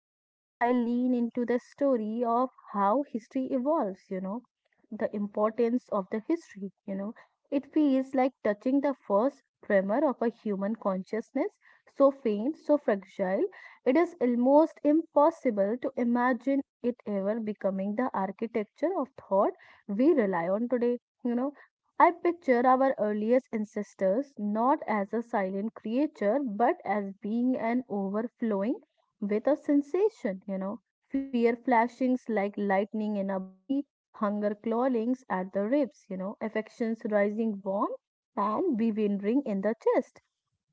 I lean into the story of how history evolves, the importance of the history. It feels like touching the first tremor of a human consciousness, so faint, so fragile, it is almost impossible to imagine it ever becoming the architecture of thought we rely on today. You know, I picture our earliest ancestors not as a silent creature but as being an overflowing with a sensation, fear flashings like lightning in our body, hunger clawings at the ribs, affections rising warm and bewildering in the chest.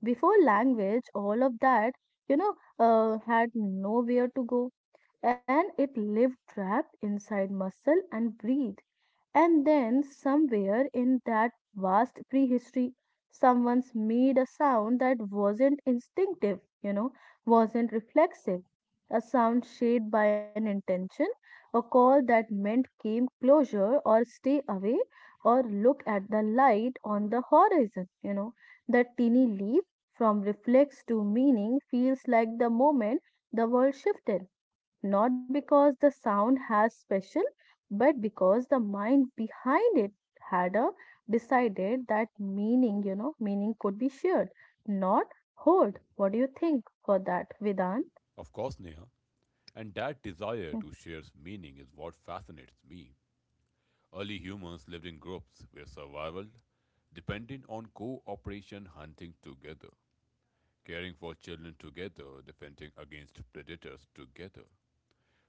Before language, all of that, had nowhere to go and it lived trapped inside muscle and breathe and then, somewhere in that vast prehistory, someone's made a sound that wasn't instinctive, wasn't reflexive, a sound shaped by an intention, a call that meant came closer or stay away or look at the light on the horizon. That teeny leap from reflex to meaning feels like the moment the world shifted not because the sound has special, but because the mind behind it had a decided that meaning, meaning could be shared, not hoard. What do you think for that, Vedant? Of course, Neha. And that Mm, desire to share meaning is what fascinates me. Early humans lived in groups where survival depended on cooperation, hunting together, caring for children together, defending against predators together.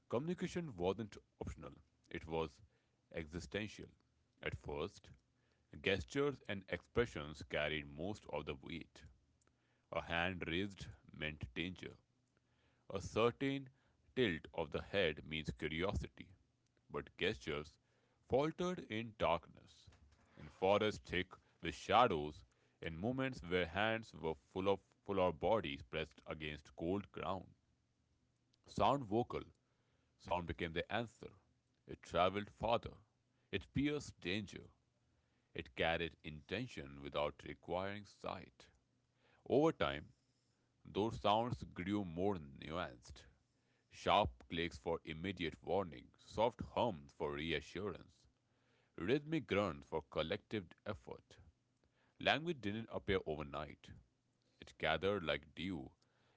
Communication wasn't optional, it was existential. At first, gestures and expressions carried most of the weight. A hand raised meant danger. A certain tilt of the head means curiosity, but gestures faltered in darkness, in forests thick with shadows, in moments where hands were full of bodies pressed against cold ground. Sound vocal, Sound became the answer. It traveled farther. It pierced danger. It carried intention without requiring sight. Over time, those sounds grew more nuanced. Sharp clicks for immediate warning, soft hums for reassurance, rhythmic grunts for collective effort. Language didn't appear overnight. It gathered like dew,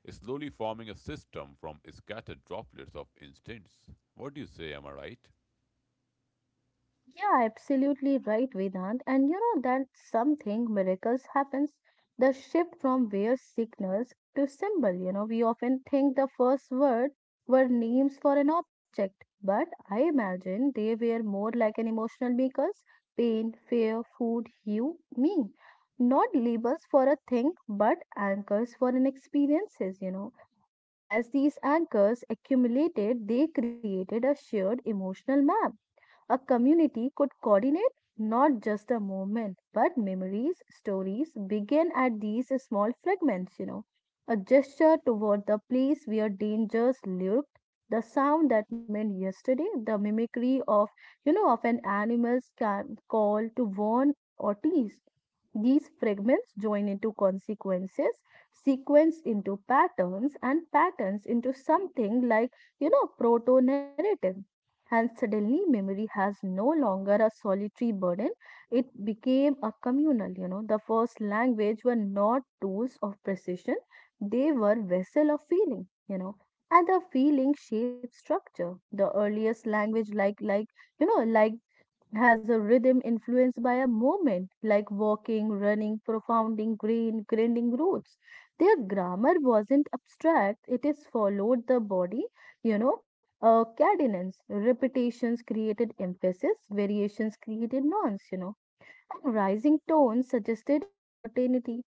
slowly forming a system from scattered droplets of instincts. What do you say, am I right? yeah, absolutely right, Vedant. And you know that something miracles happens. The shift from where signals to symbol. You know, we often think the first word were names for an object, but I imagine they were more like an emotional makers: pain, fear, food, you, me. Not labels for a thing, but anchors for an experiences. You know, and as these anchors accumulated, they created a shared emotional map a community could coordinate not just a movement, but memories, stories begin at these small fragments, you know. A gesture toward the place where dangers lurked, the sound that meant yesterday, the mimicry of an animal's call to warn or tease. These fragments join into consequences, sequence into patterns, and patterns into something proto narrative. And suddenly, memory has no longer a solitary burden. It became a communal, you know. The first language were not tools of precision, they were vessel of feeling, you know. And the feeling shaped structure. The earliest language, you know, like has a rhythm influenced by a movement like walking, running, profounding, green, grinding roots. Their grammar wasn't abstract, it is followed the body, cadence, repetitions created emphasis, variations created nonce, you know. And rising tones suggested a certainty,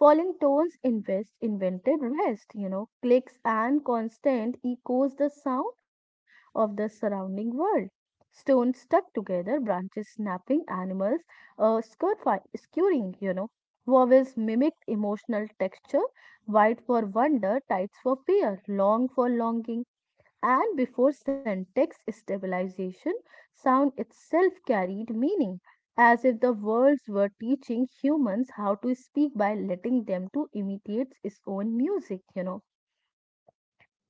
falling tones invest invented rest, you know, clicks and constant echoes the sound of the surrounding world. Stones stuck together, branches snapping, animals scurrying, you know. Vowels mimicked emotional texture, white for wonder, tights for fear, long for longing and before syntax stabilization, sound itself carried meaning, as if the words were teaching humans how to speak by letting them to imitate its own music, you know.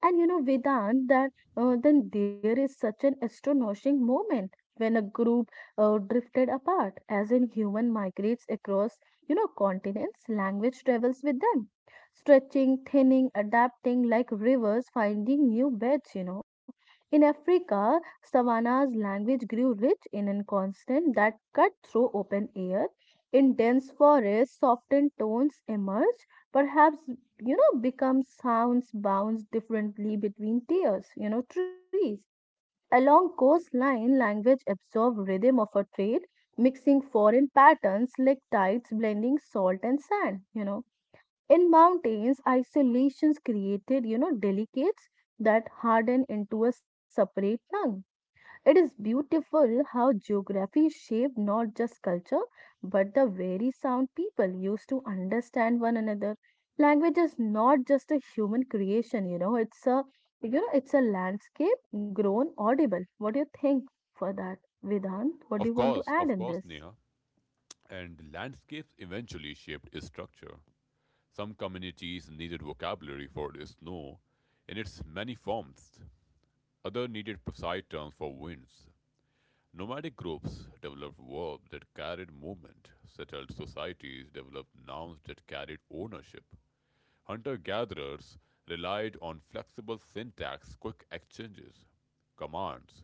And you know, Vedant, that then there is such an astonishing moment when a group drifted apart, as in human migrates across, continents, language travels with them, stretching, thinning, adapting like rivers, finding new beds, you know. In Africa, savannas language grew rich in a constant that cut through open air. In dense forests, softened tones emerged, perhaps become sounds bounce differently between tiers, trees. Along coastline, language absorb rhythm of a trade, mixing foreign patterns like tides blending salt and sand, you know. In mountains, isolations created, delicates that harden into a separate tongue it is beautiful how geography shaped not just culture but the very sound people used to understand one another. Language is not just a human creation, it's a landscape grown audible. What do you think for that, Vedant? What do you want to add Of in course, this? Neha. And landscapes eventually shaped its structure. Some communities needed vocabulary for the snow in its many forms. Others needed precise terms for winds. Nomadic groups developed verbs that carried movement. Settled societies developed nouns that carried ownership. Hunter gatherers relied on flexible syntax, quick exchanges, commands,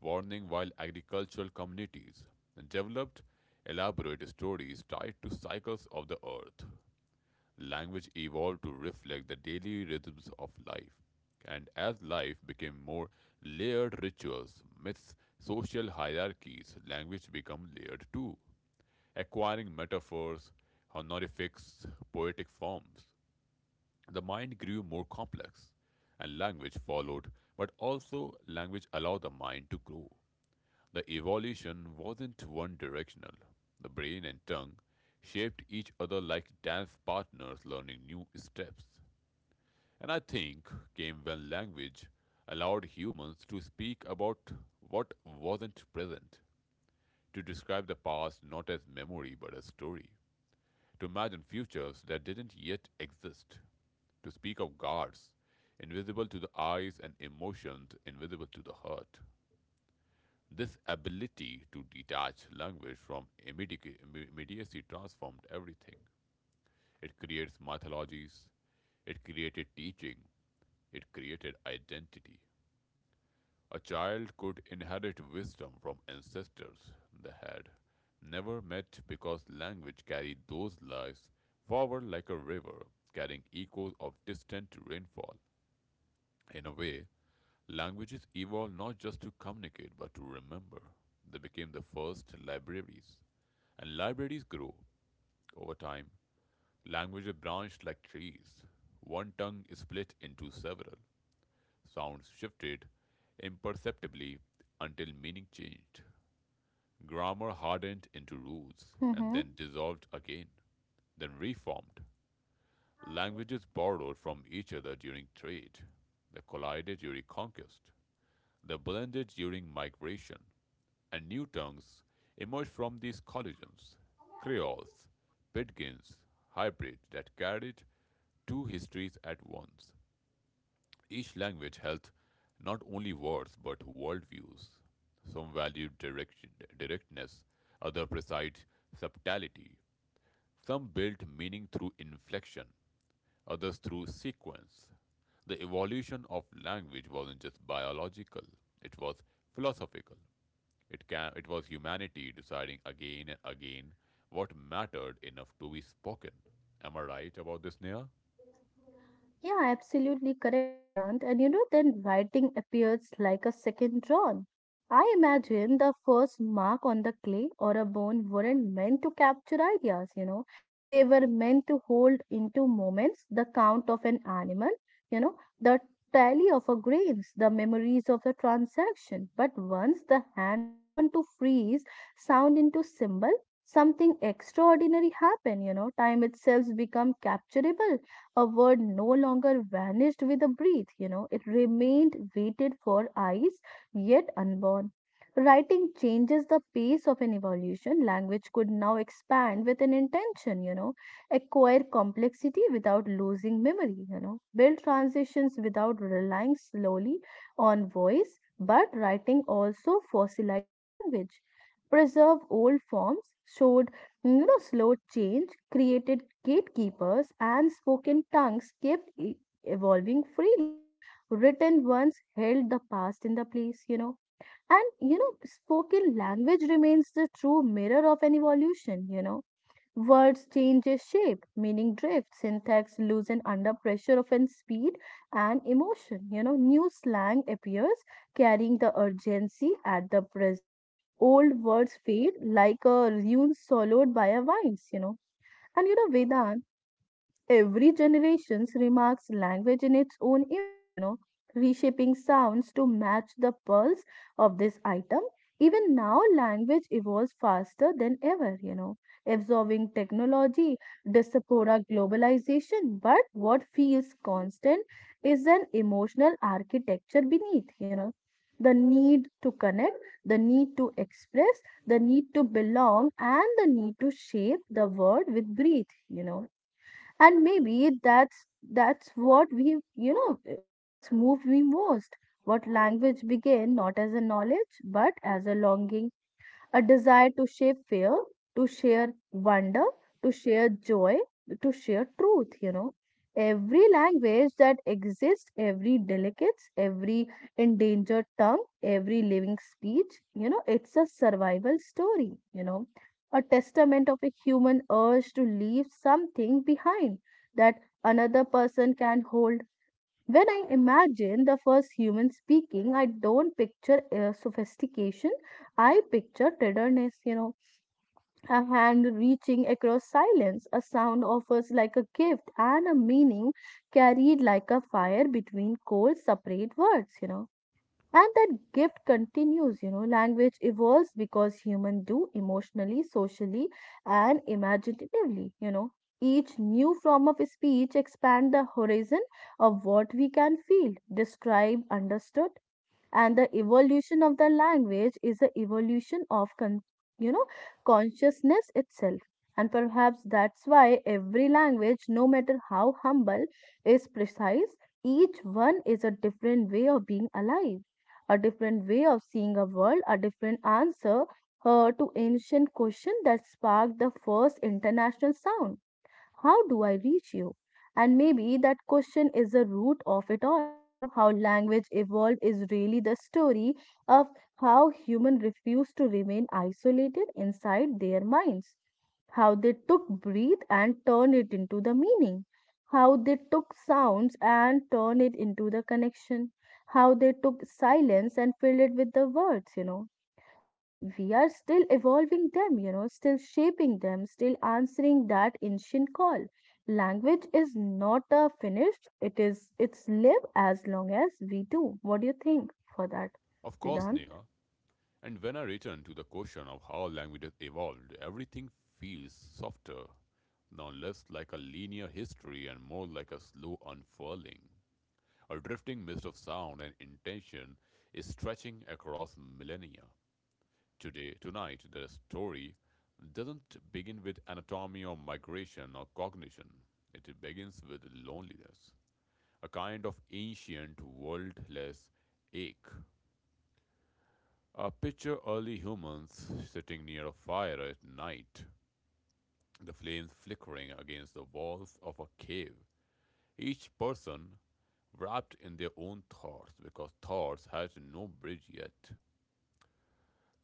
warning, while agricultural communities developed elaborate stories tied to cycles of the earth. Language evolved to reflect the daily rhythms of life. And as life became more layered rituals, myths, social hierarchies, language became layered too, acquiring metaphors, honorifics, poetic forms. The mind grew more complex, and language followed, but also language allowed the mind to grow. The evolution wasn't one directional. The brain and tongue shaped each other like dance partners learning new steps. And I think came when language allowed humans to speak about what wasn't present, to describe the past not as memory but as story, to imagine futures that didn't yet exist, to speak of gods invisible to the eyes and emotions invisible to the heart. This ability to detach language from immediacy transformed everything. It creates mythologies, it created teaching, it created identity. A child could inherit wisdom from ancestors they had never met because language carried those lives forward like a river, carrying echoes of distant rainfall. In a way, languages evolved not just to communicate but to remember. They became the first libraries. And libraries grow over time. Languages branched like trees. One tongue is split into several. Sounds shifted imperceptibly until meaning changed. Grammar hardened into rules and Mm-hmm. then dissolved again, then reformed. Languages borrowed from each other during trade. They collided during conquest. They blended during migration. And new tongues emerged from these collisions. Creoles, pidgins, hybrids that carried two histories at once. Each language held not only words but worldviews. Some valued directness, others precise subtlety. Some built meaning through inflection, others through sequence. The evolution of language wasn't just biological, it was philosophical. It was humanity deciding again and again what mattered enough to be spoken. Am I right about this, Neha? Yeah, absolutely correct, Vedant. And you know, then writing appears like a second drawn. I imagine the first mark on the clay or a bone weren't meant to capture ideas, you know. They were meant to hold into moments the count of an animal, the tally of a grains, the memories of a transaction. But once the hand learned to freeze sound into symbol, something extraordinary happened, you know. Time itself become capturable a word no longer vanished with a breath, you know, it remained waited for eyes yet unborn. Writing changes the pace of an evolution. Language could now expand with an intention, you know, acquire complexity without losing memory, you know, build transitions without relying slowly on voice, but writing also fossilized language preserve old forms, showed slow change created gatekeepers and spoken tongues kept evolving freely. Written ones held the past in the place, you know. Spoken language remains the true mirror of an evolution, you know words change shape, meaning drifts, syntax loosen under pressure of an speed and emotion. You know, new slang appears, carrying the urgency at the present. Old words fade like a ruin swallowed by a vines, you know. And you know, Vedant. Every generation remarks language in its own image, you know, reshaping sounds to match the pulse of this item. Even now, language evolves faster than ever, you know, absorbing technology, diaspora globalization. But what feels constant is an emotional architecture beneath, you know, the need to connect, the need to express, the need to belong, and the need to shape the world with breath, you know and maybe that's what we what's moved me most what language began not as a knowledge but as a longing a desire to share fear, to share wonder, to share joy, to share truth, you know. Every language that exists, every delicates, every endangered tongue, every living speech, you know, it's a survival story, you know, a testament of a human urge to leave something behind that another person can hold when I imagine the first human speaking, I don't picture sophistication. I picture tenderness, you know, a hand reaching across silence, a sound offers like a gift, and a meaning carried like a fire between cold, separate words, you know and that gift continues you know language evolves because humans do emotionally socially and imaginatively you know each new form of speech expand the horizon of what we can feel describe understood and the evolution of the language is the evolution of you know consciousness itself and perhaps that's why every language no matter how humble is precise each one is a different way of being alive a different way of seeing a world a different answer to ancient question that sparked the first international sound how do I reach you? And maybe that question is the root of it all, you know, how language evolved is really the story of how humans refused to remain isolated inside their minds how they took breath and turned it into the meaning, how they took sounds and turned it into the connection, how they took silence and filled it with the words, you know, and we are still evolving them, you know, still shaping them, still answering that ancient call. Language is not a finished, it is it's live as long as we do. What do you think for that, Of course, Vedant? Neha. And when I return to the question of how languages evolved, everything feels softer, now less like a linear history and more like a slow unfurling. A drifting mist of sound and intention is stretching across millennia. Today, tonight, the story doesn't begin with anatomy or migration or cognition. It begins with loneliness, a kind of ancient, worldless ache. Picture early humans sitting near a fire at night, the flames flickering against the walls of a cave. Each person wrapped in their own thoughts because thoughts had no bridge yet.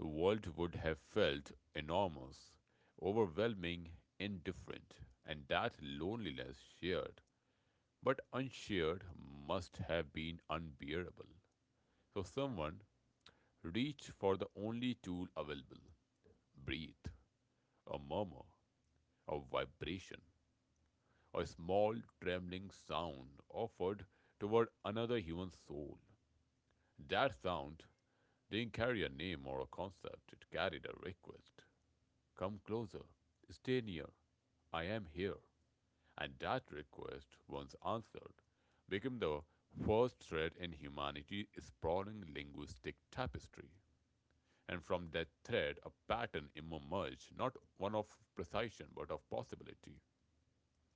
The world would have felt enormous, overwhelming, indifferent, and that loneliness shared but unshared must have been unbearable. So someone reached for the only tool available, breathe, a murmur, a vibration, a small trembling sound offered toward another human soul. That sound didn't carry a name or a concept, it carried a request. Come closer, stay near, I am here. And that request, once answered, became the first thread in humanity's sprawling linguistic tapestry. And from that thread, a pattern emerged, not one of precision, but of possibility.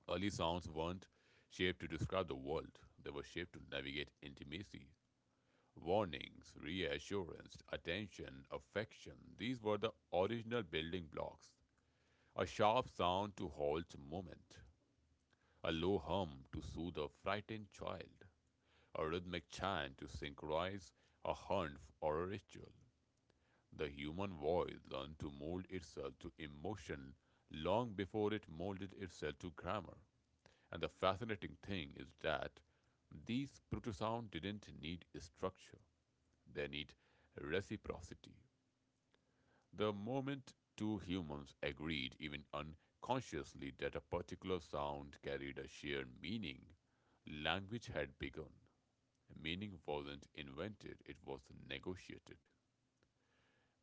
Early sounds weren't shaped to describe the world, they were shaped to navigate intimacy. Warnings, reassurance, attention, affection, these were the original building blocks. A sharp sound to halt movement, a low hum to soothe a frightened child, a rhythmic chant to synchronize a hunt or a ritual. The human voice learned to mold itself to emotion long before it molded itself to grammar. And the fascinating thing is that these protosound didn't need structure, they need reciprocity. The moment two humans agreed, even unconsciously, that a particular sound carried a shared meaning, language had begun. Meaning wasn't invented, it was negotiated,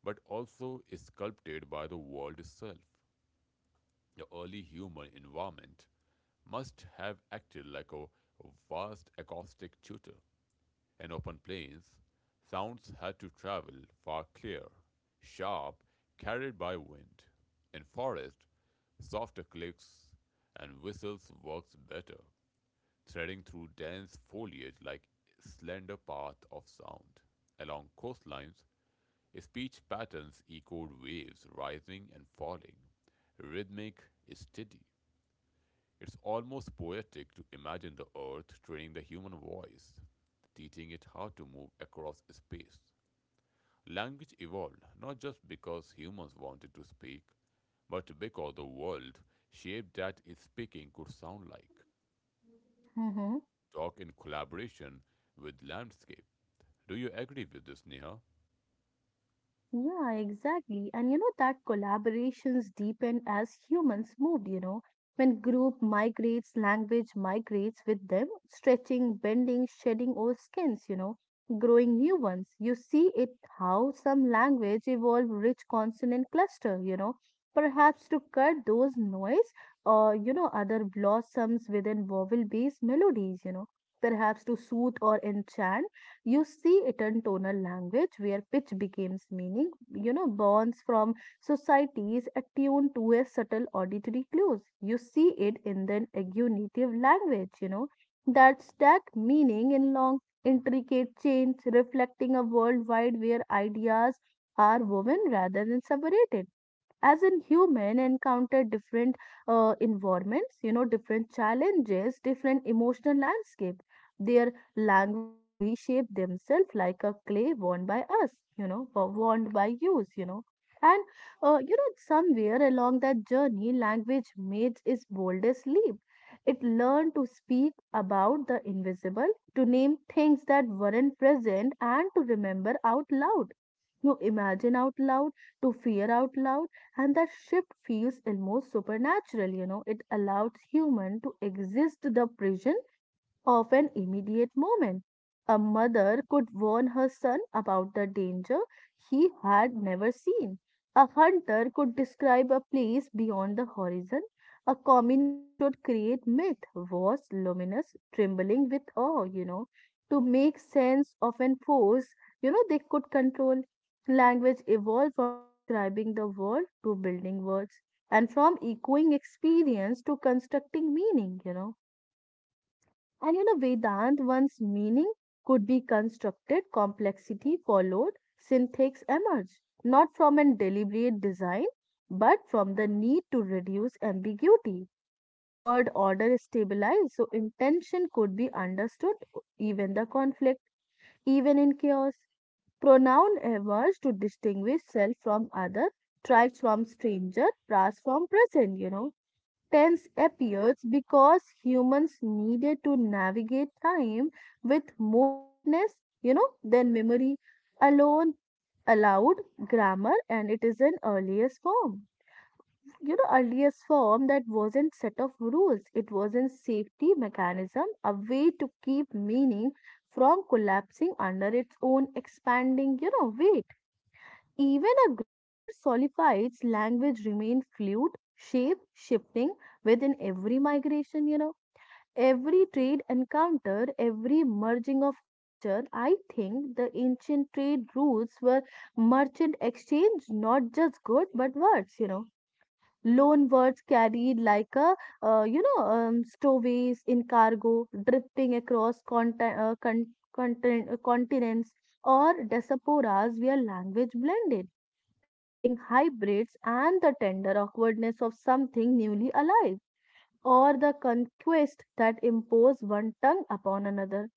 but also sculpted by the world itself. The early human environment must have acted like a vast acoustic tutor. In open plains, sounds had to travel far, clear, sharp, carried by wind. In forest, softer clicks and whistles works better, threading through dense foliage like slender path of sound. Along coastlines, speech patterns echoed waves rising and falling, rhythmic, steady. It's almost poetic to imagine the earth training the human voice, teaching it how to move across space. Language evolved not just because humans wanted to speak, but because the world shape that its speaking could sound like. Mm-hmm. Talk in collaboration with landscape. Do you agree with this, Neha? Yeah, exactly. And you know that collaborations deepen as humans move, you know, when group migrates, language migrates with them, stretching, bending, shedding old skins, you know, growing new ones. You see it how some language evolve rich consonant cluster, you know, perhaps to cut those noise or, other blossoms within vowel-based melodies, you know, perhaps to soothe or enchant you see it in tonal language where pitch becomes meaning, you know, borns from societies attuned to a subtle auditory clues. You see it in the agglutinative language, you know, that stack meaning in long, intricate chains, reflecting a worldwide where ideas are woven rather than separated as in human encounter different environments you know different challenges different emotional landscape their language reshape themselves like a clay worn by us you know worn by use you know and you know somewhere along that journey language made its boldest leap it learned to speak about the invisible to name things that weren't present and to remember out loud you imagine out loud to fear out loud and that shift feels almost supernatural you know it allows human to exist the prison of an immediate moment. A mother could warn her son about the danger he had never seen. A hunter could describe a place beyond the horizon. A communal should create myth, vast, luminous, trembling with awe, to make sense of an force, they could control. Language evolved from describing the world to building words and from echoing experience to constructing meaning, and Vedant, one's meaning could be constructed, complexity followed, syntax emerged, not from a deliberate design, but from the need to reduce ambiguity. Word order is stabilized, so intention could be understood, even the conflict, even in chaos. Pronoun emerged to distinguish self from other, tribes from stranger, past from present. Tense appears because humans needed to navigate time with more fitness, than memory alone allowed grammar, and it is an earliest form, earliest form that wasn't set of rules. It wasn't safety mechanism, a way to keep meaning from collapsing under its own expanding weight. Even a grammar solidifies language remain fluid, shape shifting within every migration. Every trade encounter, every merging of culture, I think the ancient trade routes were merchant exchange, not just good but words. Loan words carried like a, stowaways in cargo, drifting across continents or diasporas where language blended, creating hybrids and the tender awkwardness of something newly alive, or the conquest that impose one tongue upon another,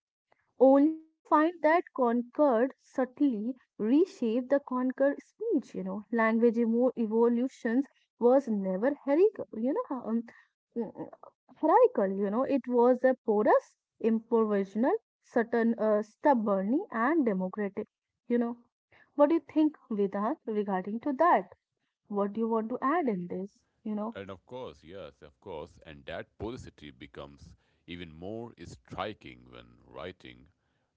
only to find that conquered subtly reshape the conquered speech. Language evolutions was never hierarchical. Mm, hierarchical. It was a porous, improvisational, certain, stubborn, and democratic. You know, what do you think, Vedant, regarding to that? What do you want to add in this you know And of course, yes, of course, and that polarity becomes even more striking when writing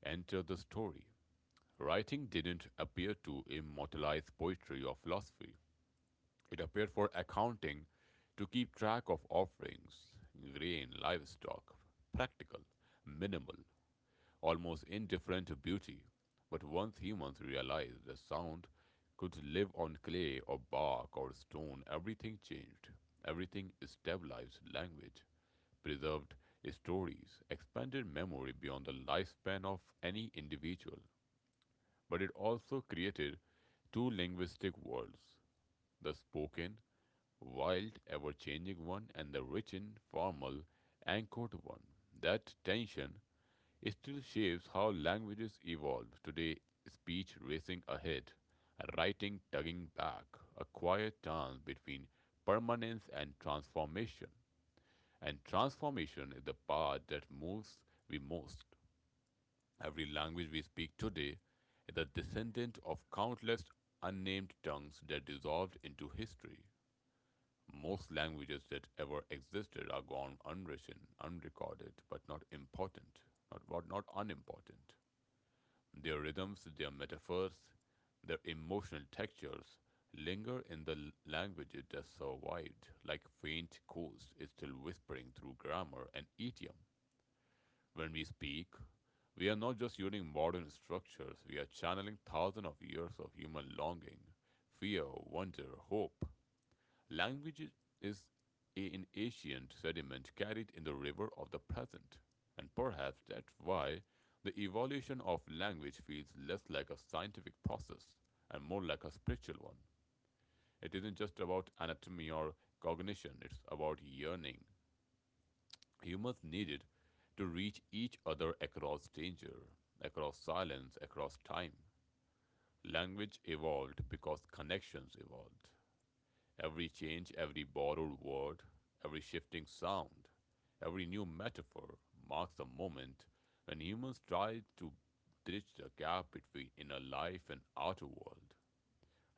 enter the story. Writing didn't appear to immortalize poetry or philosophy. It appeared for accounting, to keep track of offerings, grain, livestock, practical, minimal, almost indifferent to beauty. But once humans realized the sound could live on clay or bark or stone, everything changed. Everything stabilized language, preserved stories, expanded memory beyond the lifespan of any individual, but it also created two linguistic worlds, the spoken, wild, ever changing one, and the rich in formal, anchored one. That tension still shapes how languages evolve today, speech racing ahead, writing tugging back, a quiet dance between permanence and transformation. And transformation is the part that moves we most. Every language we speak today is a descendant of countless unnamed tongues that dissolved into history. Most languages that ever existed are gone, unwritten, unrecorded, but not important, not, but not unimportant. Their rhythms, their metaphors, their emotional textures linger in the languages that survived, like faint ghosts still whispering through grammar and idiom. When we speak, we are not just using modern structures, we are channeling thousands of years of human longing, fear, wonder, hope. Language is an ancient sediment carried in the river of the present, and perhaps that's why the evolution of language feels less like a scientific process and more like a spiritual one. It isn't just about anatomy or cognition, it's about yearning. Humans needed to reach each other across danger, across silence, across time. Language evolved because connections evolved. Every change, every borrowed word, every shifting sound, every new metaphor marks a moment when humans tried to bridge the gap between inner life and outer world.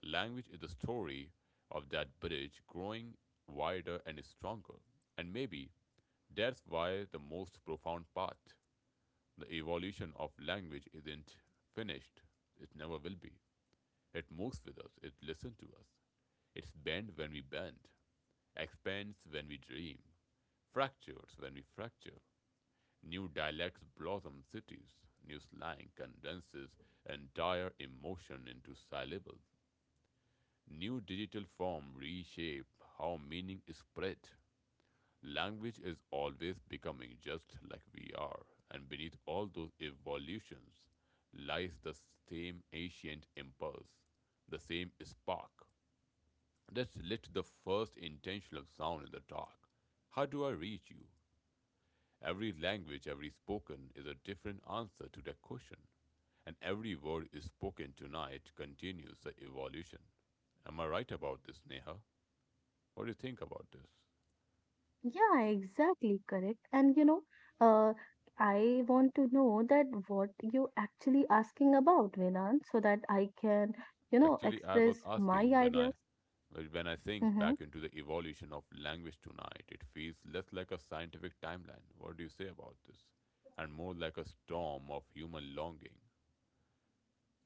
Language is the story of that bridge growing wider and stronger. And maybe that's why the most profound path, the evolution of language, isn't finished. It never will be. It moves with us, it listens to us. It's bent when we bend, expands when we dream, fractures when we fracture. New dialects blossom cities, new slang condenses entire emotion into syllables. New digital form reshape how meaning is spread. Language is always becoming just like we are, and beneath all those evolutions lies the same ancient impulse, the same spark that lit the first intentional sound in the dark. How do I reach you? Every language, every spoken, is a different answer to that question, and every word is spoken tonight continues the evolution. Am I right about this, Neha? What do you think about this? yeah, exactly correct. And uh I want to know that what you actually asking about venan, so that I can Actually, I was express my asking when ideas. I, well, when I think Mm-hmm. back into the evolution of language tonight, it feels less like a scientific timeline. What do you say about this? And more like a storm of human longing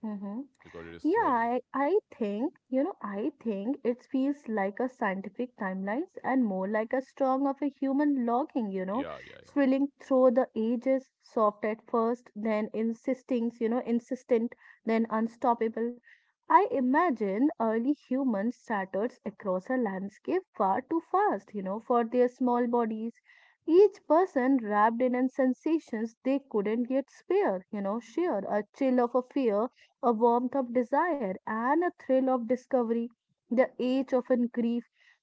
Mm-hmm. because it is Yeah, swirling. I think, it feels like a scientific timelines and more like a strong of a human logging, you know, Yeah, yeah, yeah, yeah. thrilling through the ages, soft at first, then insistent, then unstoppable. I imagine early humans scattered across a landscape far too fast, for their small bodies. Each person wrapped in an sensations they couldn't yet spare, sheer a chill of a fear, a warmth of desire and a thrill of discovery, the age of in grief.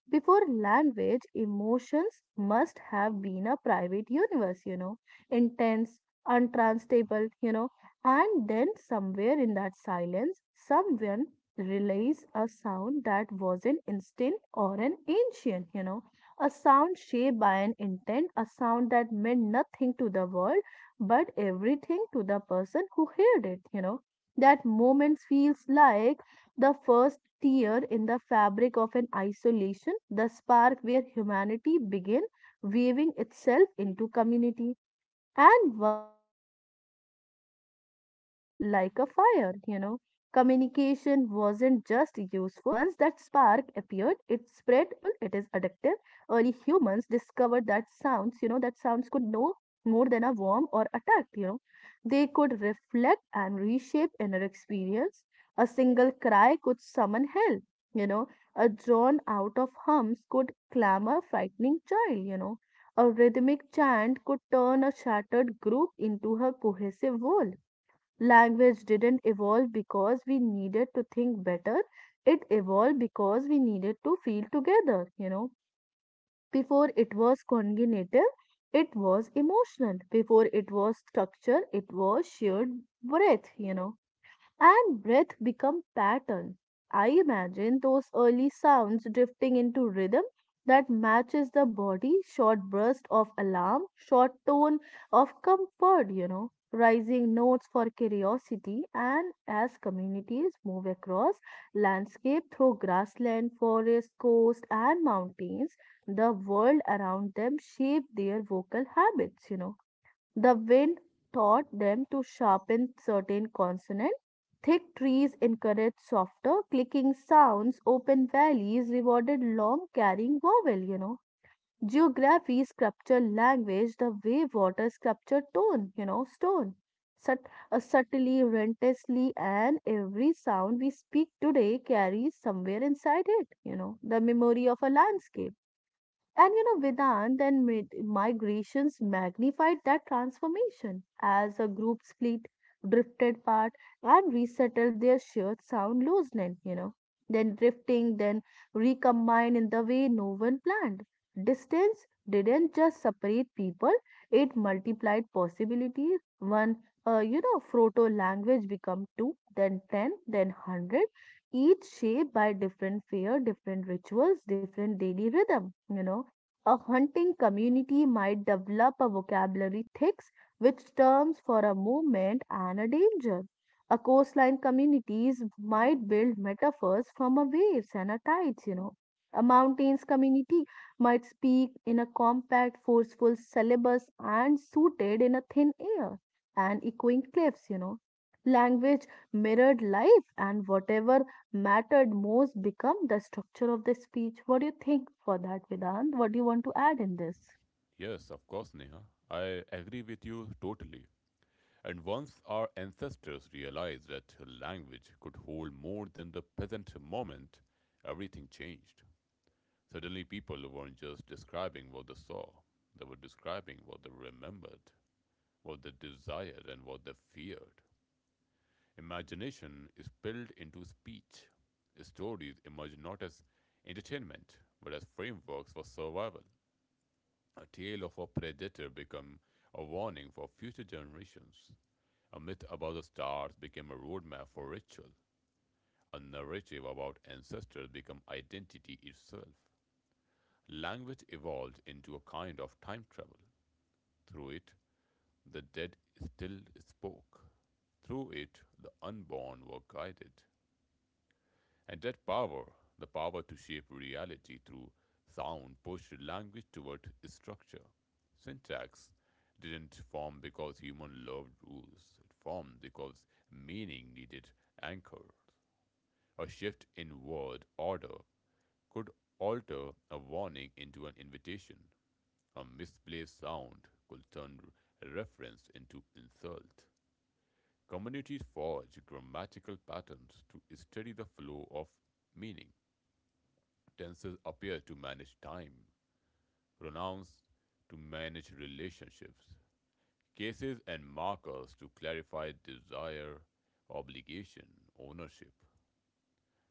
Before language, emotions must have been a private universe, intense, untranslatable, and then somewhere in that silence, someone relays a sound that was an instant or an ancient, a sound shaped by an intent, a sound that meant nothing to the world but everything to the person who heard it. That moment feels like the first tear in the fabric of an isolation, the spark where humanity began weaving itself into community. And once that spark appeared, it spread like a fire. Communication wasn't just useful, it is addictive. Early humans discovered that sounds could know more than a warm or attack. They could reflect and reshape inner experience. A single cry could summon help, you know. A drawn out of hums could clamor frightening child. A rhythmic chant could turn a shattered group into a cohesive whole. Language didn't evolve because we needed to think better, it evolved because we needed to feel together. Before it was cognitive, it was emotional. Before it was structure, it was shared breath, and breath become pattern. I imagine those early sounds drifting into rhythm that matches the body, short burst of alarm, short tone of comfort, rising notes for curiosity, and as communities move across landscape through grassland, forest, coast, and mountains, the world around them shape their vocal habits. The wind taught them to sharpen certain consonants. Thick trees encouraged softer clicking sounds. Open valleys rewarded long carrying vowel. Geography sculptured language the way water sculptured stone. Sut- Subtly, relentlessly, and every sound we speak today carries somewhere inside it, the memory of a landscape, and Vedant, then migrations magnified that transformation as a group split, drifted apart, and resettled their shared sound loosening. Then drifting, then recombined in the way no one planned. Distance didn't just separate people, it multiplied possibilities. One, proto language become two, then 10, then 100, each shaped by different fear, different rituals, different daily rhythm. A hunting community might develop a vocabulary thick with terms for a movement and a danger. A coastline communities might build metaphors from a waves and a tides. A mountains community might speak in a compact, forceful syllabus and suited in a thin air and echoing cliffs. Language mirrored life, and whatever mattered most become the structure of the speech. What do you think for that, Vedant? What do you want to add in this? Yes, of course, Neha. I agree with you totally. And once our ancestors realized that language could hold more than the present moment, everything changed. Suddenly, people weren't just describing what they saw, they were describing what they remembered, what they desired, and what they feared. Imagination is spilled into speech. Stories emerge not as entertainment, but as frameworks for survival. A tale of a predator became a warning for future generations. A myth about the stars became a roadmap for ritual. A narrative about ancestors became identity itself. Language evolved into a kind of time travel. Through it, the dead still spoke. Through it, the unborn were guided. And that power, the power to shape reality through sound, pushed language toward structure. Syntax didn't form because human loved rules, it formed because meaning needed anchors. A shift in word order could alter a warning into an invitation. A misplaced sound could turn a reference into insult. Communities forge grammatical patterns to study the flow of meaning. Tenses appear to manage time, pronouns to manage relationships, cases and markers to clarify desire, obligation, ownership.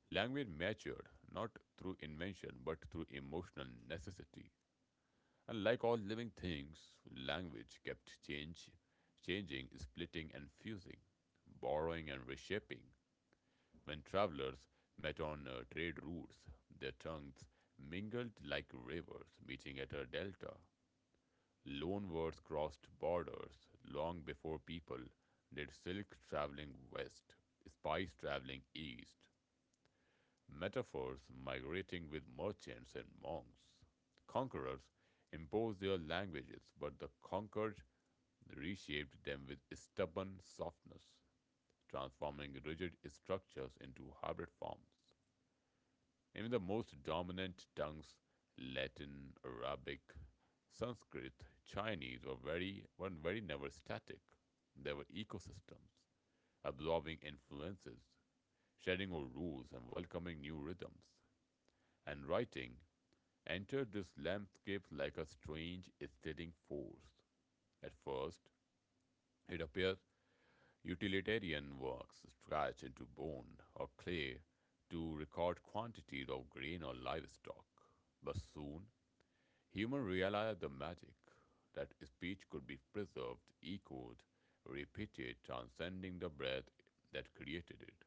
Language matured not through invention but through emotional necessity. And like all living things, language kept change, changing, splitting, and fusing, borrowing and reshaping. When travelers met on trade routes, their tongues mingled like rivers meeting at a delta. Loan words crossed borders long before people did silk traveling west, spice traveling east, metaphors migrating with merchants and monks. Conquerors imposed their languages, but the conquered reshaped them with stubborn softness, transforming rigid structures into hybrid forms. Even the most dominant tongues, Latin, Arabic, Sanskrit, Chinese, were very never static. They were ecosystems, absorbing influences, shedding old rules and welcoming new rhythms. And writing entered this landscape like a strange steadying force. At first, it appears utilitarian works stretch into bone or clay to record quantities of grain or livestock. But soon, humans realized the magic that speech could be preserved, echoed, repeated, transcending the breath that created it.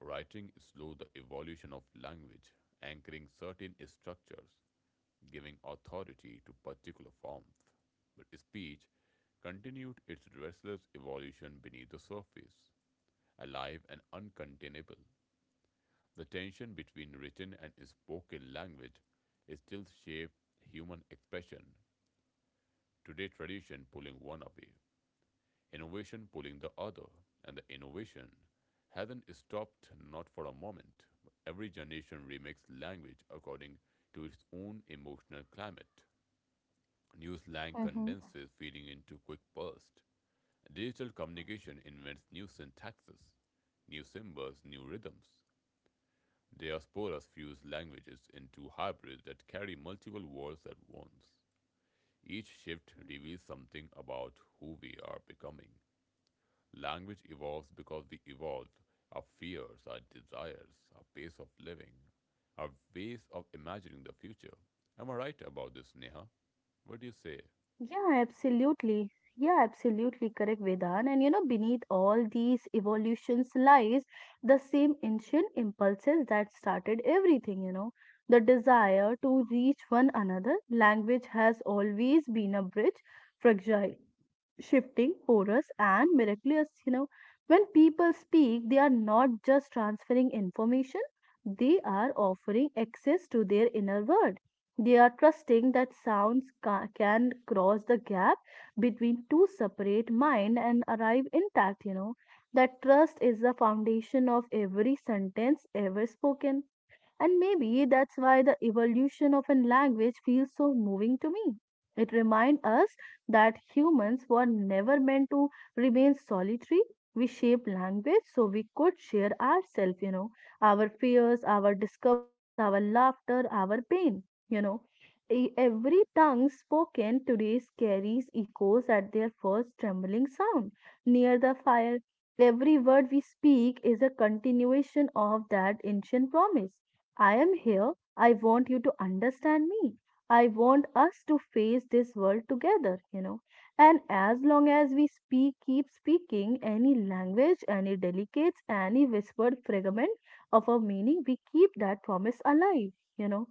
Writing slowed the evolution of language, anchoring certain structures giving authority to particular forms, but speech continued its restless evolution beneath the surface, alive and uncontainable. The tension between written and spoken language is still shaped human expression, today tradition pulling one away, innovation pulling the other, and the innovation hasn't stopped not for a moment. Every generation remakes language according to its own emotional climate. New slang Mm-hmm. condenses, feeding into quick bursts. Digital communication invents new syntaxes, new symbols, new rhythms. Diasporas fuse languages into hybrids that carry multiple worlds at once. Each shift reveals something about who we are becoming. Language evolves because we evolved our fears, our desires, our pace of living, our ways of imagining the future. Am I right about this, Neha? What do you say? Yeah, absolutely. Yeah, absolutely correct, Vedan. And beneath all these evolutions lies the same ancient impulses that started everything, the desire to reach one another. Language has always been a bridge, fragile, shifting, porous, and miraculous. When people speak, they are not just transferring information, they are offering access to their inner world. They are trusting that sounds can cross the gap between two separate minds and arrive intact. That trust is the foundation of every sentence ever spoken. And maybe that's why the evolution of a language feels so moving to me. It reminds us that humans were never meant to remain solitary. We shaped language so we could share ourselves, our fears, our discoveries, our laughter, our pain, you know. Every tongue spoken today carries echoes at their first trembling sound near the fire. Every word we speak is a continuation of that ancient promise. I am here. I want you to understand me. I want us to face this world together. And as long as we speak, keep speaking any language, any delicate, any whispered fragment of a meaning, we keep that promise alive, you know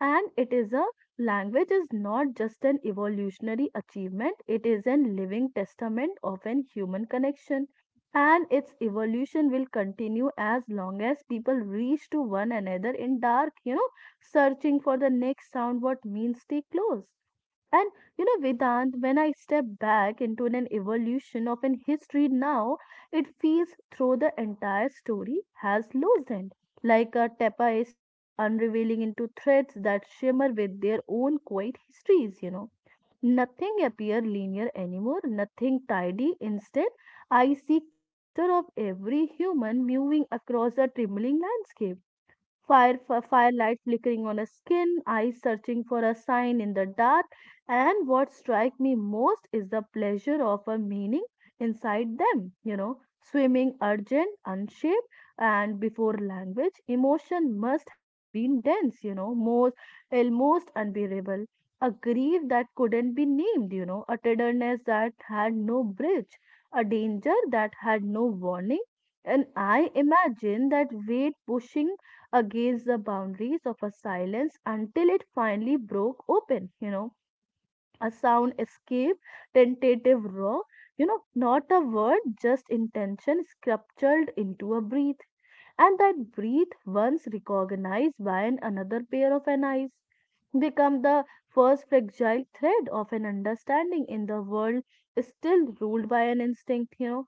and it is a language, is not just an evolutionary achievement, it is a living testament of an human connection, and its evolution will continue as long as people reach to one another in dark, searching for the next sound what means stay close, and Vedant, when I step back into an evolution of an history now, it feels through the entire story has loosened, like a tapestry unraveling into threads that shimmer with their own quiet histories. Nothing appear linear anymore, nothing tidy. Instead, I see cluster of every human moving across a trembling landscape, firelight flickering on a skin, eyes searching for a sign in the dark, and what strike me most is the pleasure of a meaning inside them, swimming urgent, unshaped, and before language, emotion must have been dense, you know, most almost unbearable. A grief that couldn't be named, a tenderness that had no bridge, a danger that had no warning. And I imagine that weight pushing against the boundaries of a silence until it finally broke open. A sound escape, tentative roar, not a word, just intention sculptured into a breath. And that breath, once recognized by an another pair of an eyes, become the first fragile thread of an understanding in the world still ruled by an instinct.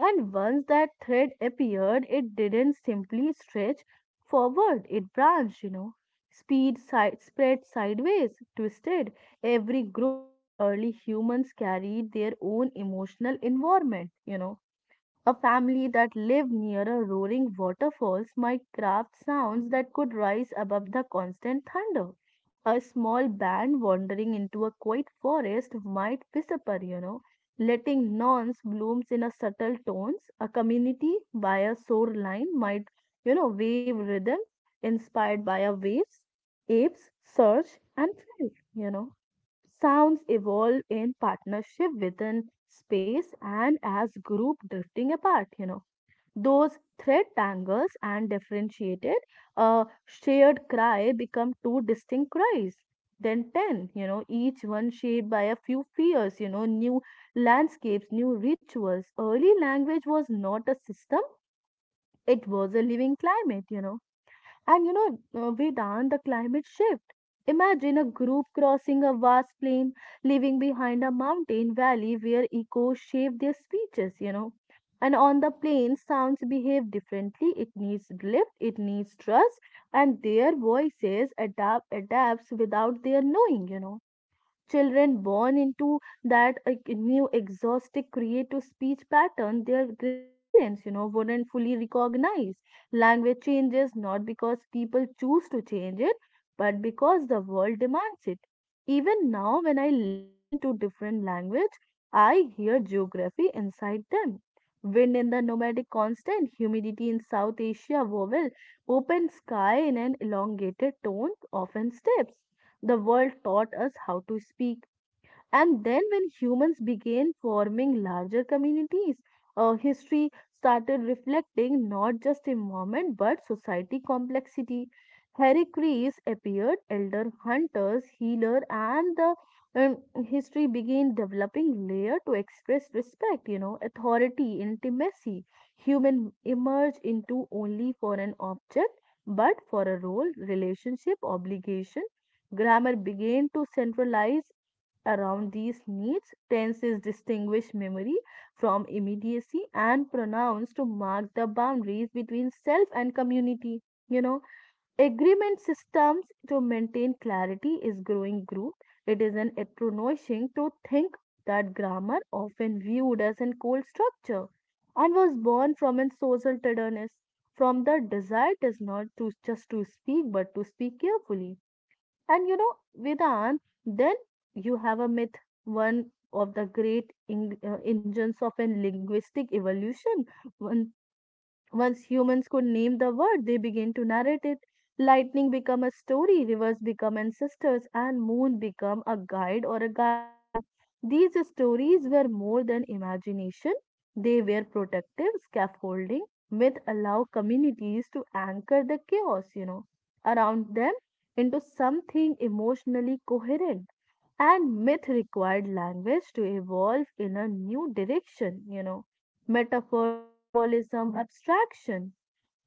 And once that thread appeared, it didn't simply stretch forward, it branched, spread sideways, twisted. Every group of early humans carried their own emotional environment. A family that lived near a roaring waterfalls might craft sounds that could rise above the constant thunder. A small band wandering into a quiet forest might whisper, letting nuance blooms in a subtle tones. A community by a shoreline might, wave rhythm inspired by a waves, apes, surge, and flight. Sounds evolve in partnership within space, and as group drifting apart, those thread tangles and differentiated, a shared cry become two distinct cries, then 10, each one shaped by a few fears. New landscapes, new rituals. Early language was not a system, it was a living climate. And Vedant, the climate shift. Imagine a group crossing a vast plain, leaving behind a mountain valley where echoes shape their speeches. And on the plain, sounds behave differently. It needs lift, it needs trust, and their voices adapts without their knowing. Children born into that like, new exhaustive creative speech pattern their grandparents, wouldn't fully recognize. Language changes not because people choose to change it, but because the world demands it. Even now, when I listen to different language, I hear geography inside them. Wind in the nomadic constant, humidity in South Asia vowel, open sky in an elongated tone, often steps. The world taught us how to speak, and then, when humans began forming larger communities, history started reflecting not just environment but society complexity. Heracles appeared, elder hunters, healer, and the um, history began developing layer to express respect, you know, authority, intimacy. Human emerge into only for an object, but for a role, relationship, obligation grammar began to centralize around these needs, tenses distinguish memory from immediacy and pronouns to mark the boundaries between self and community. You know, agreement systems to maintain clarity is growing group. It is an astonishing to think that grammar, often viewed as a cold structure, and was born from a social tenderness, from the desire does not to just to speak but to speak carefully and you know, Vedant, then you have a myth, one of the great engines of a linguistic evolution. One Once humans could name the word, they began to narrate it. Lightning become a story, rivers become ancestors, and moon become a guide or a guardian. These stories were more than imagination. They were protective scaffolding which allow communities to anchor the chaos, you know, around them into something emotionally coherent and myth required language to evolve in a new direction, you know. Metaphor, symbolism, abstraction.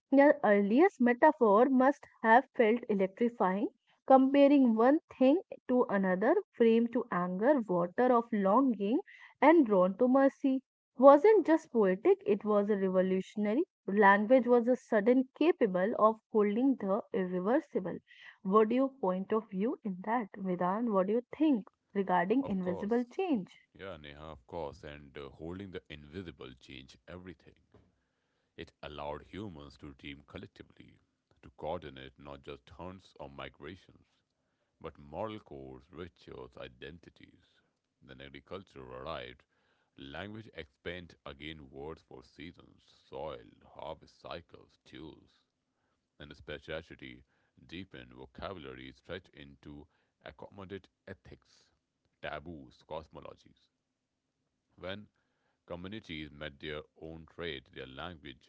Their earliest metaphor must have felt electrifying, comparing one thing to another, flame to anger, water of longing, and drawn to mercy. Wasn't just poetic, it was a revolutionary. Language was a sudden capable of holding the irreversible. What do you point of view in that, Vedan? What do you think regarding Of invisible course. change? Yeah, Neha, of course. And holding the invisible changed everything. It allowed humans to dream collectively, to coordinate not just hunts or migrations, but moral codes, rituals, identities. Then agriculture arrived. Language expanded again words for seasons, soil, harvest cycles, tools, and speciality deepened vocabulary stretched into accommodate ethics taboos, cosmologies. When communities met their own trade, their language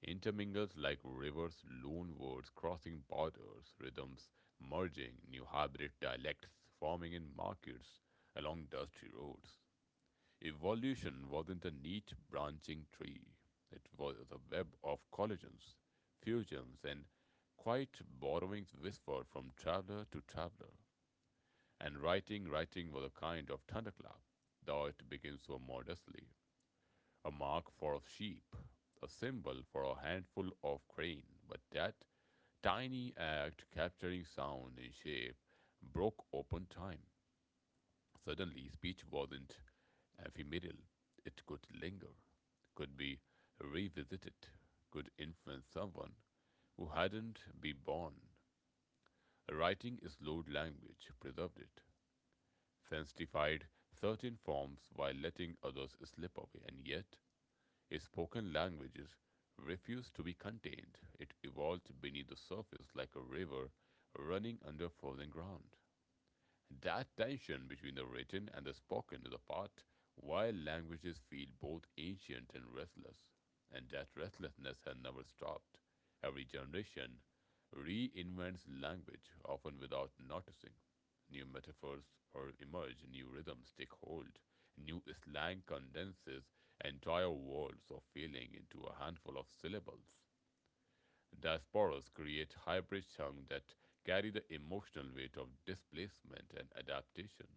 intermingles like rivers, loan words crossing borders, rhythms merging, new hybrid dialects forming in markets along dusty roads. Evolution wasn't a neat branching tree, it was a web of collisions, fusions, and quiet borrowings whispered from traveler to traveler. And writing, writing was a kind of thunderclap, though it begins so modestly a mark for a sheep, a symbol for a handful of grain. But that tiny act, capturing sound and shape, broke open time. Suddenly, speech wasn't ephemeral, it could linger, could be revisited, could influence someone who hadn't been born. Writing slowed language, preserved it, sanctified certain forms while letting others slip away, and yet a spoken language refused to be contained. It evolved beneath the surface like a river running under frozen ground. That tension between the written and the spoken is a part why languages feel both ancient and restless, and that restlessness has never stopped. Every generation reinvents language, often without noticing. New metaphors or emerge, new rhythms take hold, new slang condenses entire worlds of feeling into a handful of syllables. Diasporas create hybrid songs that carry the emotional weight of displacement and adaptation.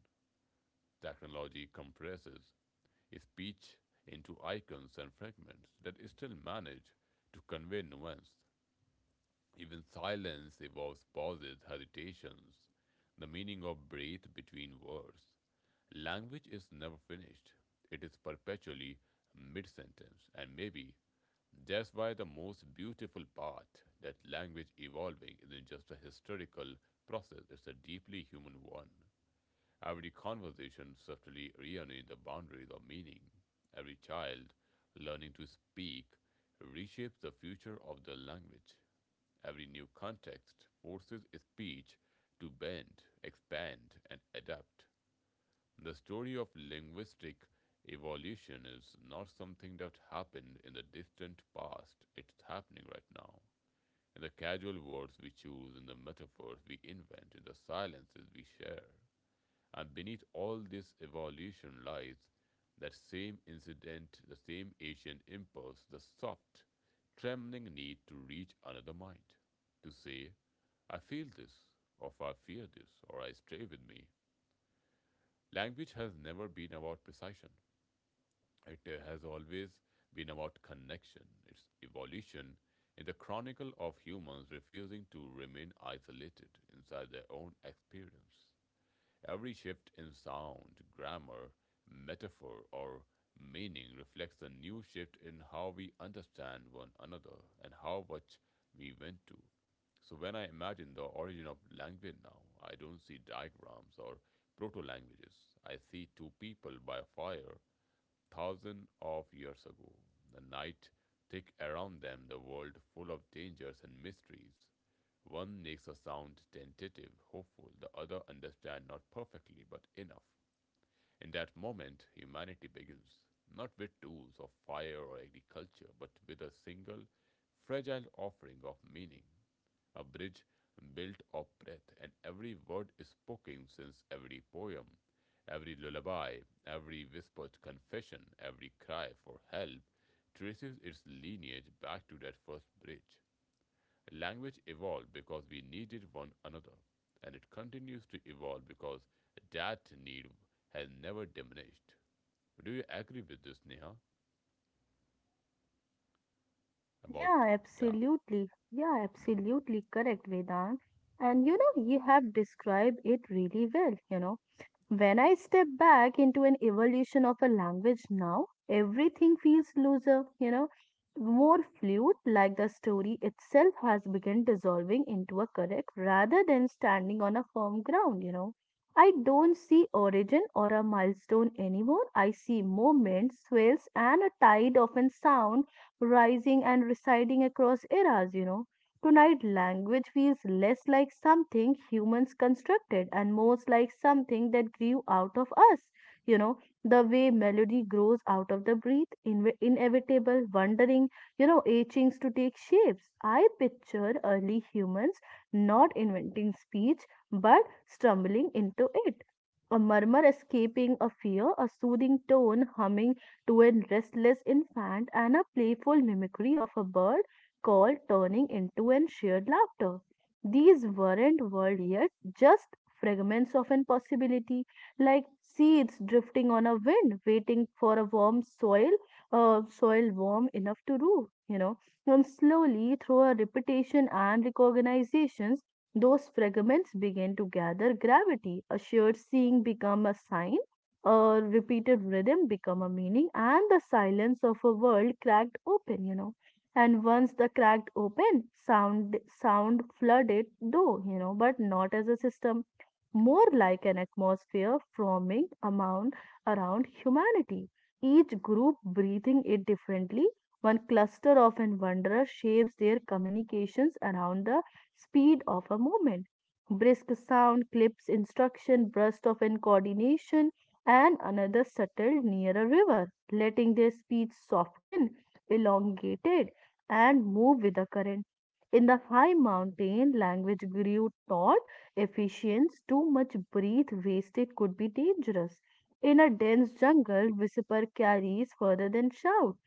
Technology compresses speech into icons and fragments that still manage to convey nuance. Even silence evolves pauses, hesitations, the meaning of breath between words. Language is never finished, it is perpetually mid sentence, and maybe that's why the most beautiful part that language evolving isn't just a historical process, it's a deeply human one. Every conversation subtly rearranges the boundaries of meaning. Every child learning to speak reshapes the future of the language. Every new context forces speech to bend, expand, and adapt. The story of linguistic evolution is not something that happened in the distant past, it's happening right now. In the casual words we choose, in the metaphors we invent, in the silences we share. And beneath all this evolution lies that same incident, the same ancient impulse, the soft, trembling need to reach another mind, to say, I feel this, or I fear this, or I stay with me. Language has never been about precision. It has always been about connection, its evolution in the chronicle of humans refusing to remain isolated inside their own experience. Every shift in sound, grammar, metaphor, or meaning reflects a new shift in how we understand one another and how much we went to. So when I imagine the origin of language now, I don't see diagrams or proto languages. I see two people by a fire thousands of years ago, the night thick around them, the world full of dangers and mysteries. One makes a sound tentative, hopeful, the other understands not perfectly, but enough. In that moment, humanity begins, not with tools of fire or agriculture, but with a single, fragile offering of meaning a bridge built of breath, and every word spoken since every poem, every lullaby, every whispered confession, every cry for help traces its lineage back to that first bridge. Language evolved because we needed one another, and it continues to evolve because that need has never diminished. Do you agree with this, Neha? About, Yeah, yeah. absolutely. Yeah, Hmm. absolutely correct, Vedant. And you know, you have described it really well, you know. When I step back into an evolution of a language now, everything feels looser, you know, more fluid, like the story itself has begun dissolving into a correct rather than standing on a firm ground, you know. I don't see origin or a milestone anymore. I see moments, swells, and a tide of a sound rising and residing across eras, you know. Tonight, language feels less like something humans constructed and more like something that grew out of us. You know, the way melody grows out of the breath, inevitable, wondering, you know, itchings to take shapes. I picture early humans not inventing speech but stumbling into it. A murmur escaping a fear, a soothing tone humming to a restless infant, and a playful mimicry of a bird called turning into an shared laughter. These weren't world yet, just fragments of an possibility, like seeds drifting on a wind, waiting for a warm soil, soil warm enough to root, you know. And slowly, through a repetition and recognizations, those fragments begin to gather gravity. A shared seeing become a sign, a repeated rhythm become a meaning, and the silence of a world cracked open, you know and once the cracked open sound flooded though you know but not as a system, more like an atmosphere forming amount around humanity, each group breathing it differently. One cluster of and wanderers shapes their communications around the speed of a moment. Brisk sound, clips, instruction, burst of in coordination, and another settled near a river, letting their speech soften, elongated, and move with the current. In the high mountain, language grew taut efficients, too much breath wasted could be dangerous. In a dense jungle, whisper carries further than shout.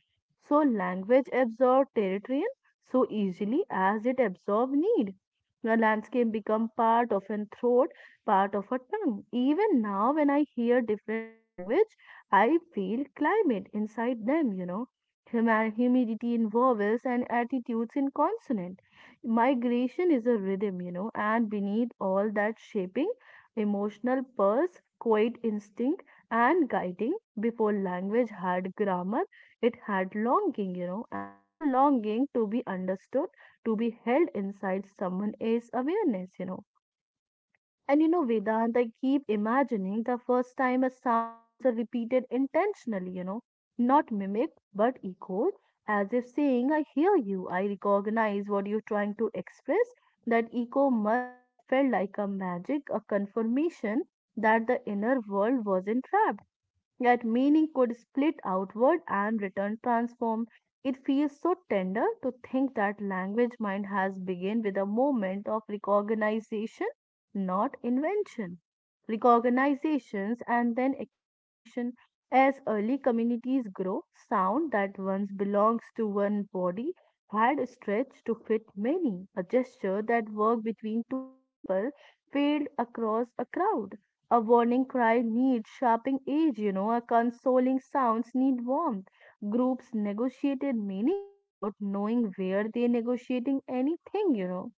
So language absorbs territory so easily as it absorbs need. The landscape become part of a throat, part of a tongue. Even now, when I hear different language, I feel climate inside them. You know, humidity in vowels and attitudes in consonant migration is a rhythm, you know, and beneath all that shaping, emotional pulse, quiet instinct, and guiding. Before language had grammar, it had longing, you know, and the longing to be understood, to be held inside someone else's awareness, you know. And you know, Vedant, I keep imagining the first time a sound was repeated intentionally, you know, not mimicked but echoed, as if saying, I hear you, I recognize what you're trying to express. That echo must have felt like a magic, a confirmation that the inner world was entrapped yet meaning could split outward and return transformed. It feels so tender to think that language mind has begun with a moment of recognition, not invention. Recognitions and then accommodation. As early communities grow, sound that once belongs to one body had stretched to fit many. A gesture that worked between two people failed across a crowd, a warning cry needs sharpening edge, you know, a consoling sounds need warmth. Groups negotiated meaning without knowing where they're negotiating anything, you know.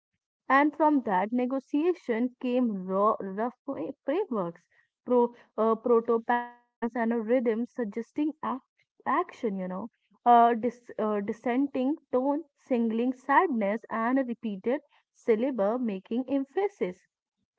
And from that negotiation came raw, rough frameworks, proto patterns, and a rhythm suggesting action, you know. Dissenting tone, singling sadness, and a repeated syllable making emphasis.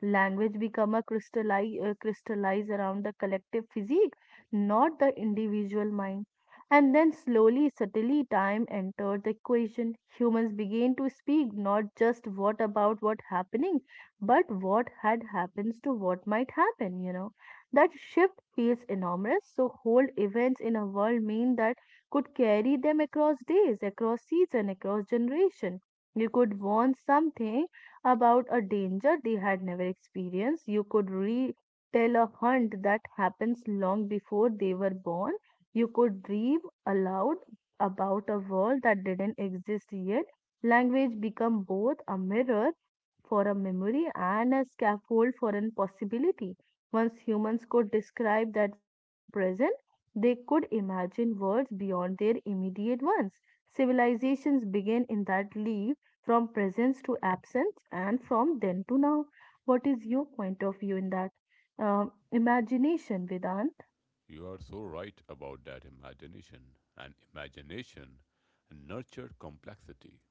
Language become a crystallize around the collective physique, not the individual mind. And then slowly, subtly, time entered the equation. Humans began to speak not just what about what happening, but what had happens to what might happen, you know. That shift feels enormous. So whole events in a world mean that could carry them across days, across season, across generation. You could want something about a danger they had never experienced. You could retell a hunt that happens long before they were born. You could dream aloud about a world that didn't exist yet. Language become both a mirror for a memory and a scaffold for an possibility. Once humans could describe that wasn't present, they could imagine worlds beyond their immediate ones. Civilizations begin in that leap from presence to absence and from then to now. What is your point of view in that? Imagination, Vedan? You are so right about that imagination, and imagination nurtured complexity.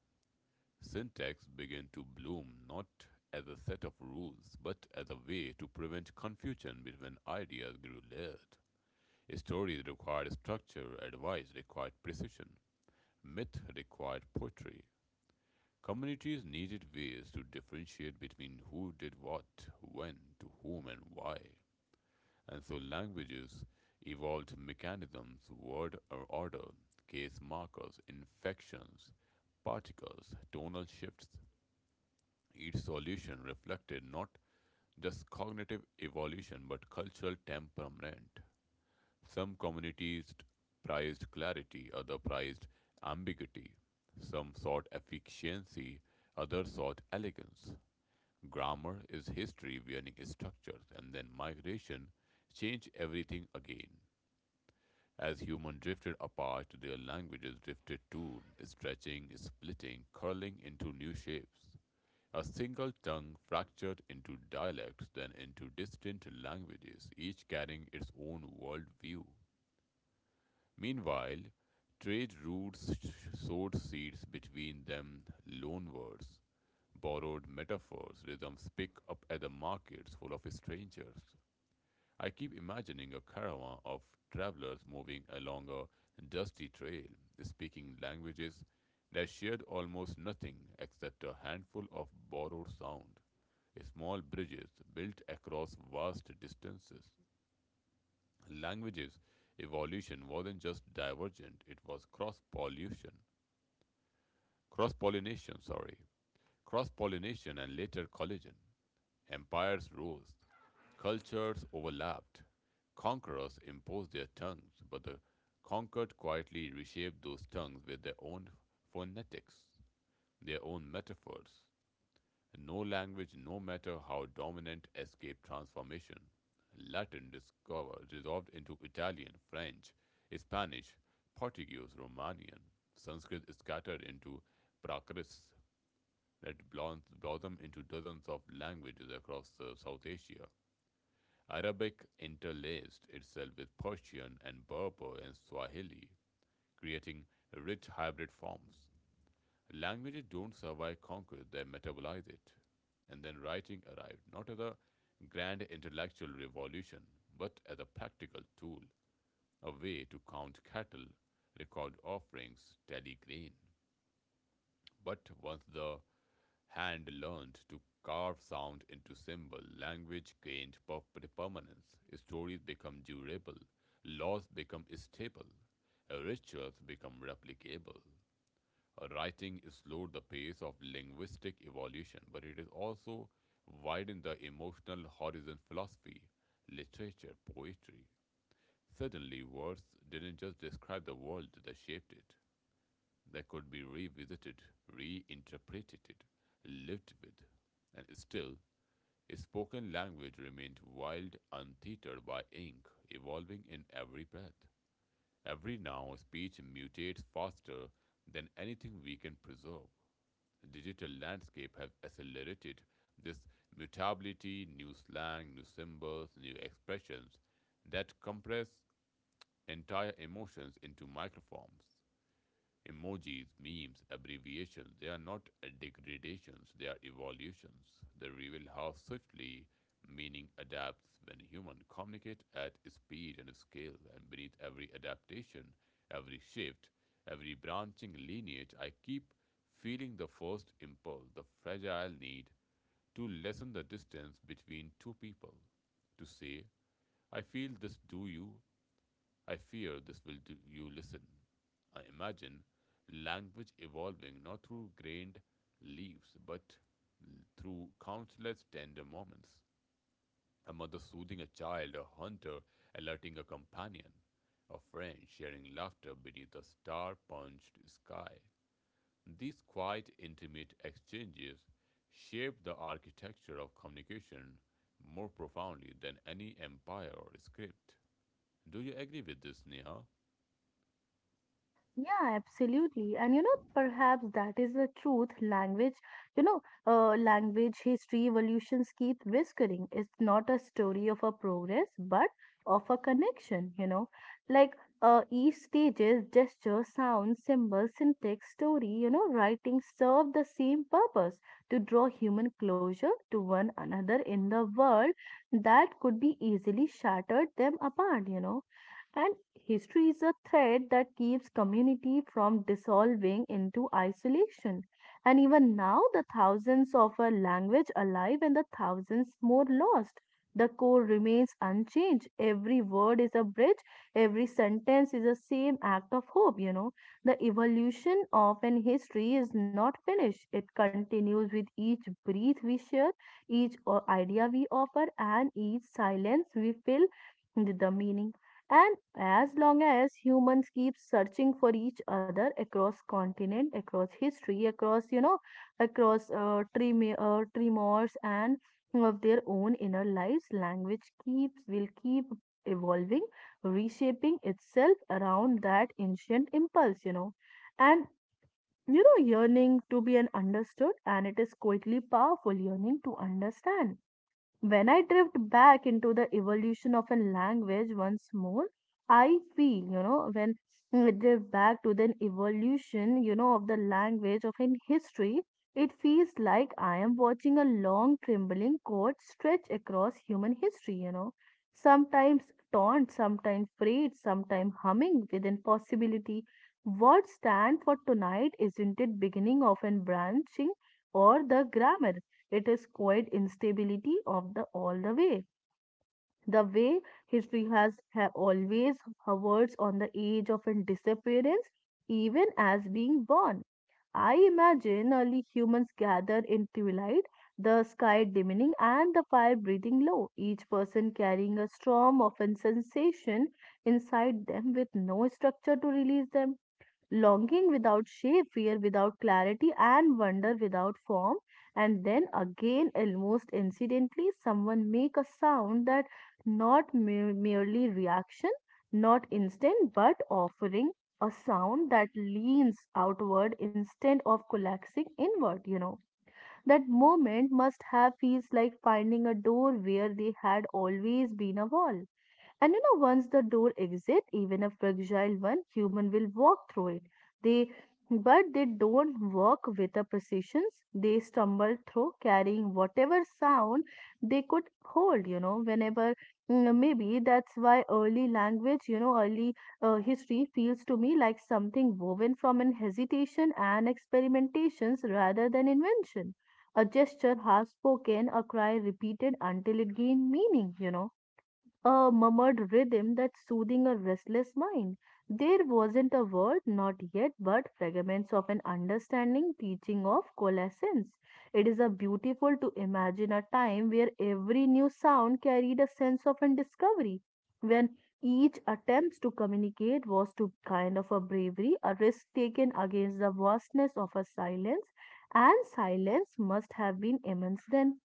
Syntax began to bloom not as a set of rules, but as a way to prevent confusion between ideas grew layered. Stories required structure, advice required precision, myth required poetry. Communities needed ways to differentiate between who did what, when, to whom, and why. And so languages evolved mechanisms, word order, case markers, inflections, particles, tonal shifts. Each solution reflected not just cognitive evolution but cultural temperament. Some communities prized clarity, others prized ambiguity. Some sought efficiency, others sought elegance. Grammar is history wearing structures, and then migration changed everything again. As humans drifted apart, their languages drifted too, stretching, splitting, curling into new shapes. A single tongue fractured into dialects, then into distant languages, each carrying its own worldview. Meanwhile, trade routes sowed seeds between them, loanwords, borrowed metaphors, rhythms pick up at the markets full of strangers. I keep imagining a caravan of travelers moving along a dusty trail, speaking languages that shared almost nothing except a handful of borrowed sound, small bridges built across vast distances. Languages evolution wasn't just divergent, it was cross pollution. Cross pollination, sorry. Cross pollination and later collision. Empires rose, cultures overlapped. Conquerors imposed their tongues, but the conquered quietly reshaped those tongues with their own phonetics, their own metaphors. No language, no matter how dominant, escaped transformation. Latin discovered, dissolved into Italian, French, Spanish, Portuguese, Romanian. Sanskrit scattered into Prakris that blossomed into dozens of languages across South Asia. Arabic interlaced itself with Persian and Berber and Swahili, creating rich hybrid forms. Languages don't survive conquest, they metabolize it. And then writing arrived not as a grand intellectual revolution, but as a practical tool, a way to count cattle, record offerings, tally grain. But once the hand learned to carve sound into symbol. Language gained permanence. Stories become durable. Laws become stable. Rituals become replicable. Writing slowed the pace of linguistic evolution, but it is also widened the emotional horizon philosophy, literature, poetry. Suddenly, words didn't just describe the world, they shaped it that could be revisited, reinterpreted, lived with, and still a spoken language remained wild, untethered by ink, evolving in every breath. Every now speech mutates faster than anything we can preserve. Digital landscape have accelerated this mutability, new slang, new symbols, new expressions that compress entire emotions into microforms. Emojis, memes, abbreviations, they are not degradations, they are evolutions. They reveal how swiftly meaning adapts when humans communicate at speed and scale, and beneath every adaptation, every shift, every branching lineage, I keep feeling the first impulse, the fragile need to lessen the distance between two people. To say, I feel this, do you? I fear this will do you listen. I imagine language evolving not through grained leaves, but through countless tender moments. A mother soothing a child, a hunter alerting a companion, a friend sharing laughter beneath a star punched sky. These quiet, intimate exchanges shape the architecture of communication more profoundly than any empire or script. Do you agree with this, Neha? Yeah, absolutely. And you know, perhaps that is the truth. Language, you know, language history evolutions keep whispering. It's not a story of a progress, but of a connection, you know. Like each stages, gesture, sound, symbol, syntax, story, you know, writing serve the same purpose to draw human closure to one another in the world that could be easily shattered them apart, you know and history is a thread that keeps community from dissolving into isolation. And even now, the thousands of a language alive and the thousands more lost. The core remains unchanged. Every word is a bridge, every sentence is a same act of hope, you know. The evolution of an history is not finished. It continues with each breath we share, each idea we offer, and each silence we fill with the meaning and as long as humans keep searching for each other across continent, across history, across you know, across tremors and of their own inner lives, language keeps will keep evolving, reshaping itself around that ancient impulse, you know, and you know, yearning to be an understood, and it is quietly powerful yearning to understand when I drift back into the evolution of a language once more, I feel, you know, when I drift back to the evolution, you know, of the language of in history, it feels like I am watching a long trembling cord stretch across human history, you know. Sometimes torn, sometimes frayed, sometimes humming with impossibility. Words stand for tonight, isn't it? Beginning of and branching or the grammar it is quite instability of the all the way. The way history always hovers on the edge of a disappearance, even as being born. I imagine early humans gathered in twilight, the sky dimming and the fire breathing low, each person carrying a storm of sensation inside them with no structure to release them longing without shape, fear without clarity, and wonder without form. And then again, almost incidentally, someone make a sound that not mere- merely reaction, not instant, but offering a sound that leans outward instead of collapsing inward. You know that moment must have feels like finding a door where they had always been a wall and you know, once the door exists, even a fragile one, human will walk through it. They, but they don't walk with a precision. They stumble through, carrying whatever sound they could hold. You know, whenever maybe that's why early language, you know, early history feels to me like something woven from an hesitation and experimentations rather than invention. A gesture half spoken, a cry repeated until it gained meaning. You know a murmured rhythm that soothing a restless mind. There wasn't a word, not yet, but fragments of an understanding, teaching of coalescence. It is a beautiful to imagine a time where every new sound carried a sense of a discovery, when each attempt to communicate was to kind of a bravery, a risk taken against the vastness of a silence, and silence must have been immense then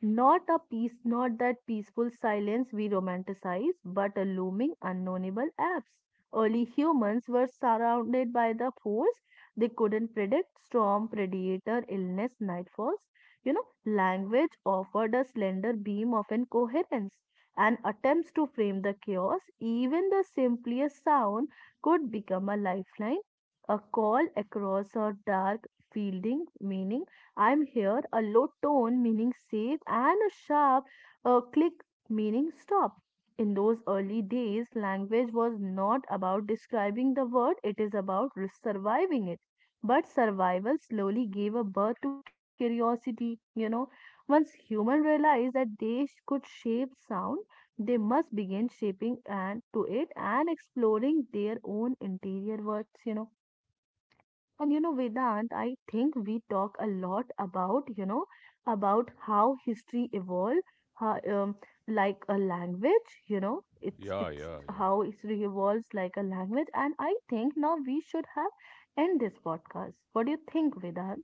not a peace, not that peaceful silence we romanticize, but a looming, unknowable absence. Early humans were surrounded by the force they couldn't predict storm, predator, illness, nightfalls. You know, language offered a slender beam of incoherence, and attempts to frame the chaos, even the simplest sound, could become a lifeline, a call across a dark fielding meaning I'm here, a low tone meaning safe, and a sharp click meaning stop. In those early days, language was not about describing the word, it is about surviving it. But survival slowly gave a birth to curiosity. You know, once humans realized that they could shape sound, they must begin shaping and to it and exploring their own interior words. You know, and you know, Vedant, I think we talk a lot about, you know, about how history evolved, how, um, like a language, you know, it's Yeah, it's yeah, yeah. how history evolves like a language. And I think now we should have end this podcast. What do you think, Vedant?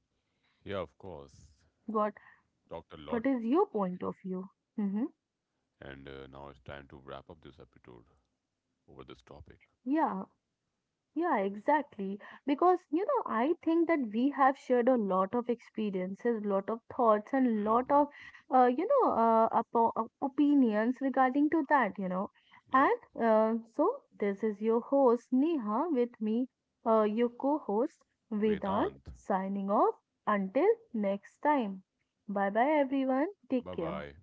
Yeah, of course. What Talked a lot, what is your point of view? Mm-hmm. and now it's time to wrap up this episode over this topic. Yeah. Yeah, exactly. Because, you know, I think that we have shared a lot of experiences, lot of thoughts, and lot of, Hmm. You know, opinions regarding to that, you know. Yes. And so this is your host, Neha, with me, your co-host, Vedant, Vedant, signing off. Until next time. Bye bye, everyone. Take bye care. bye.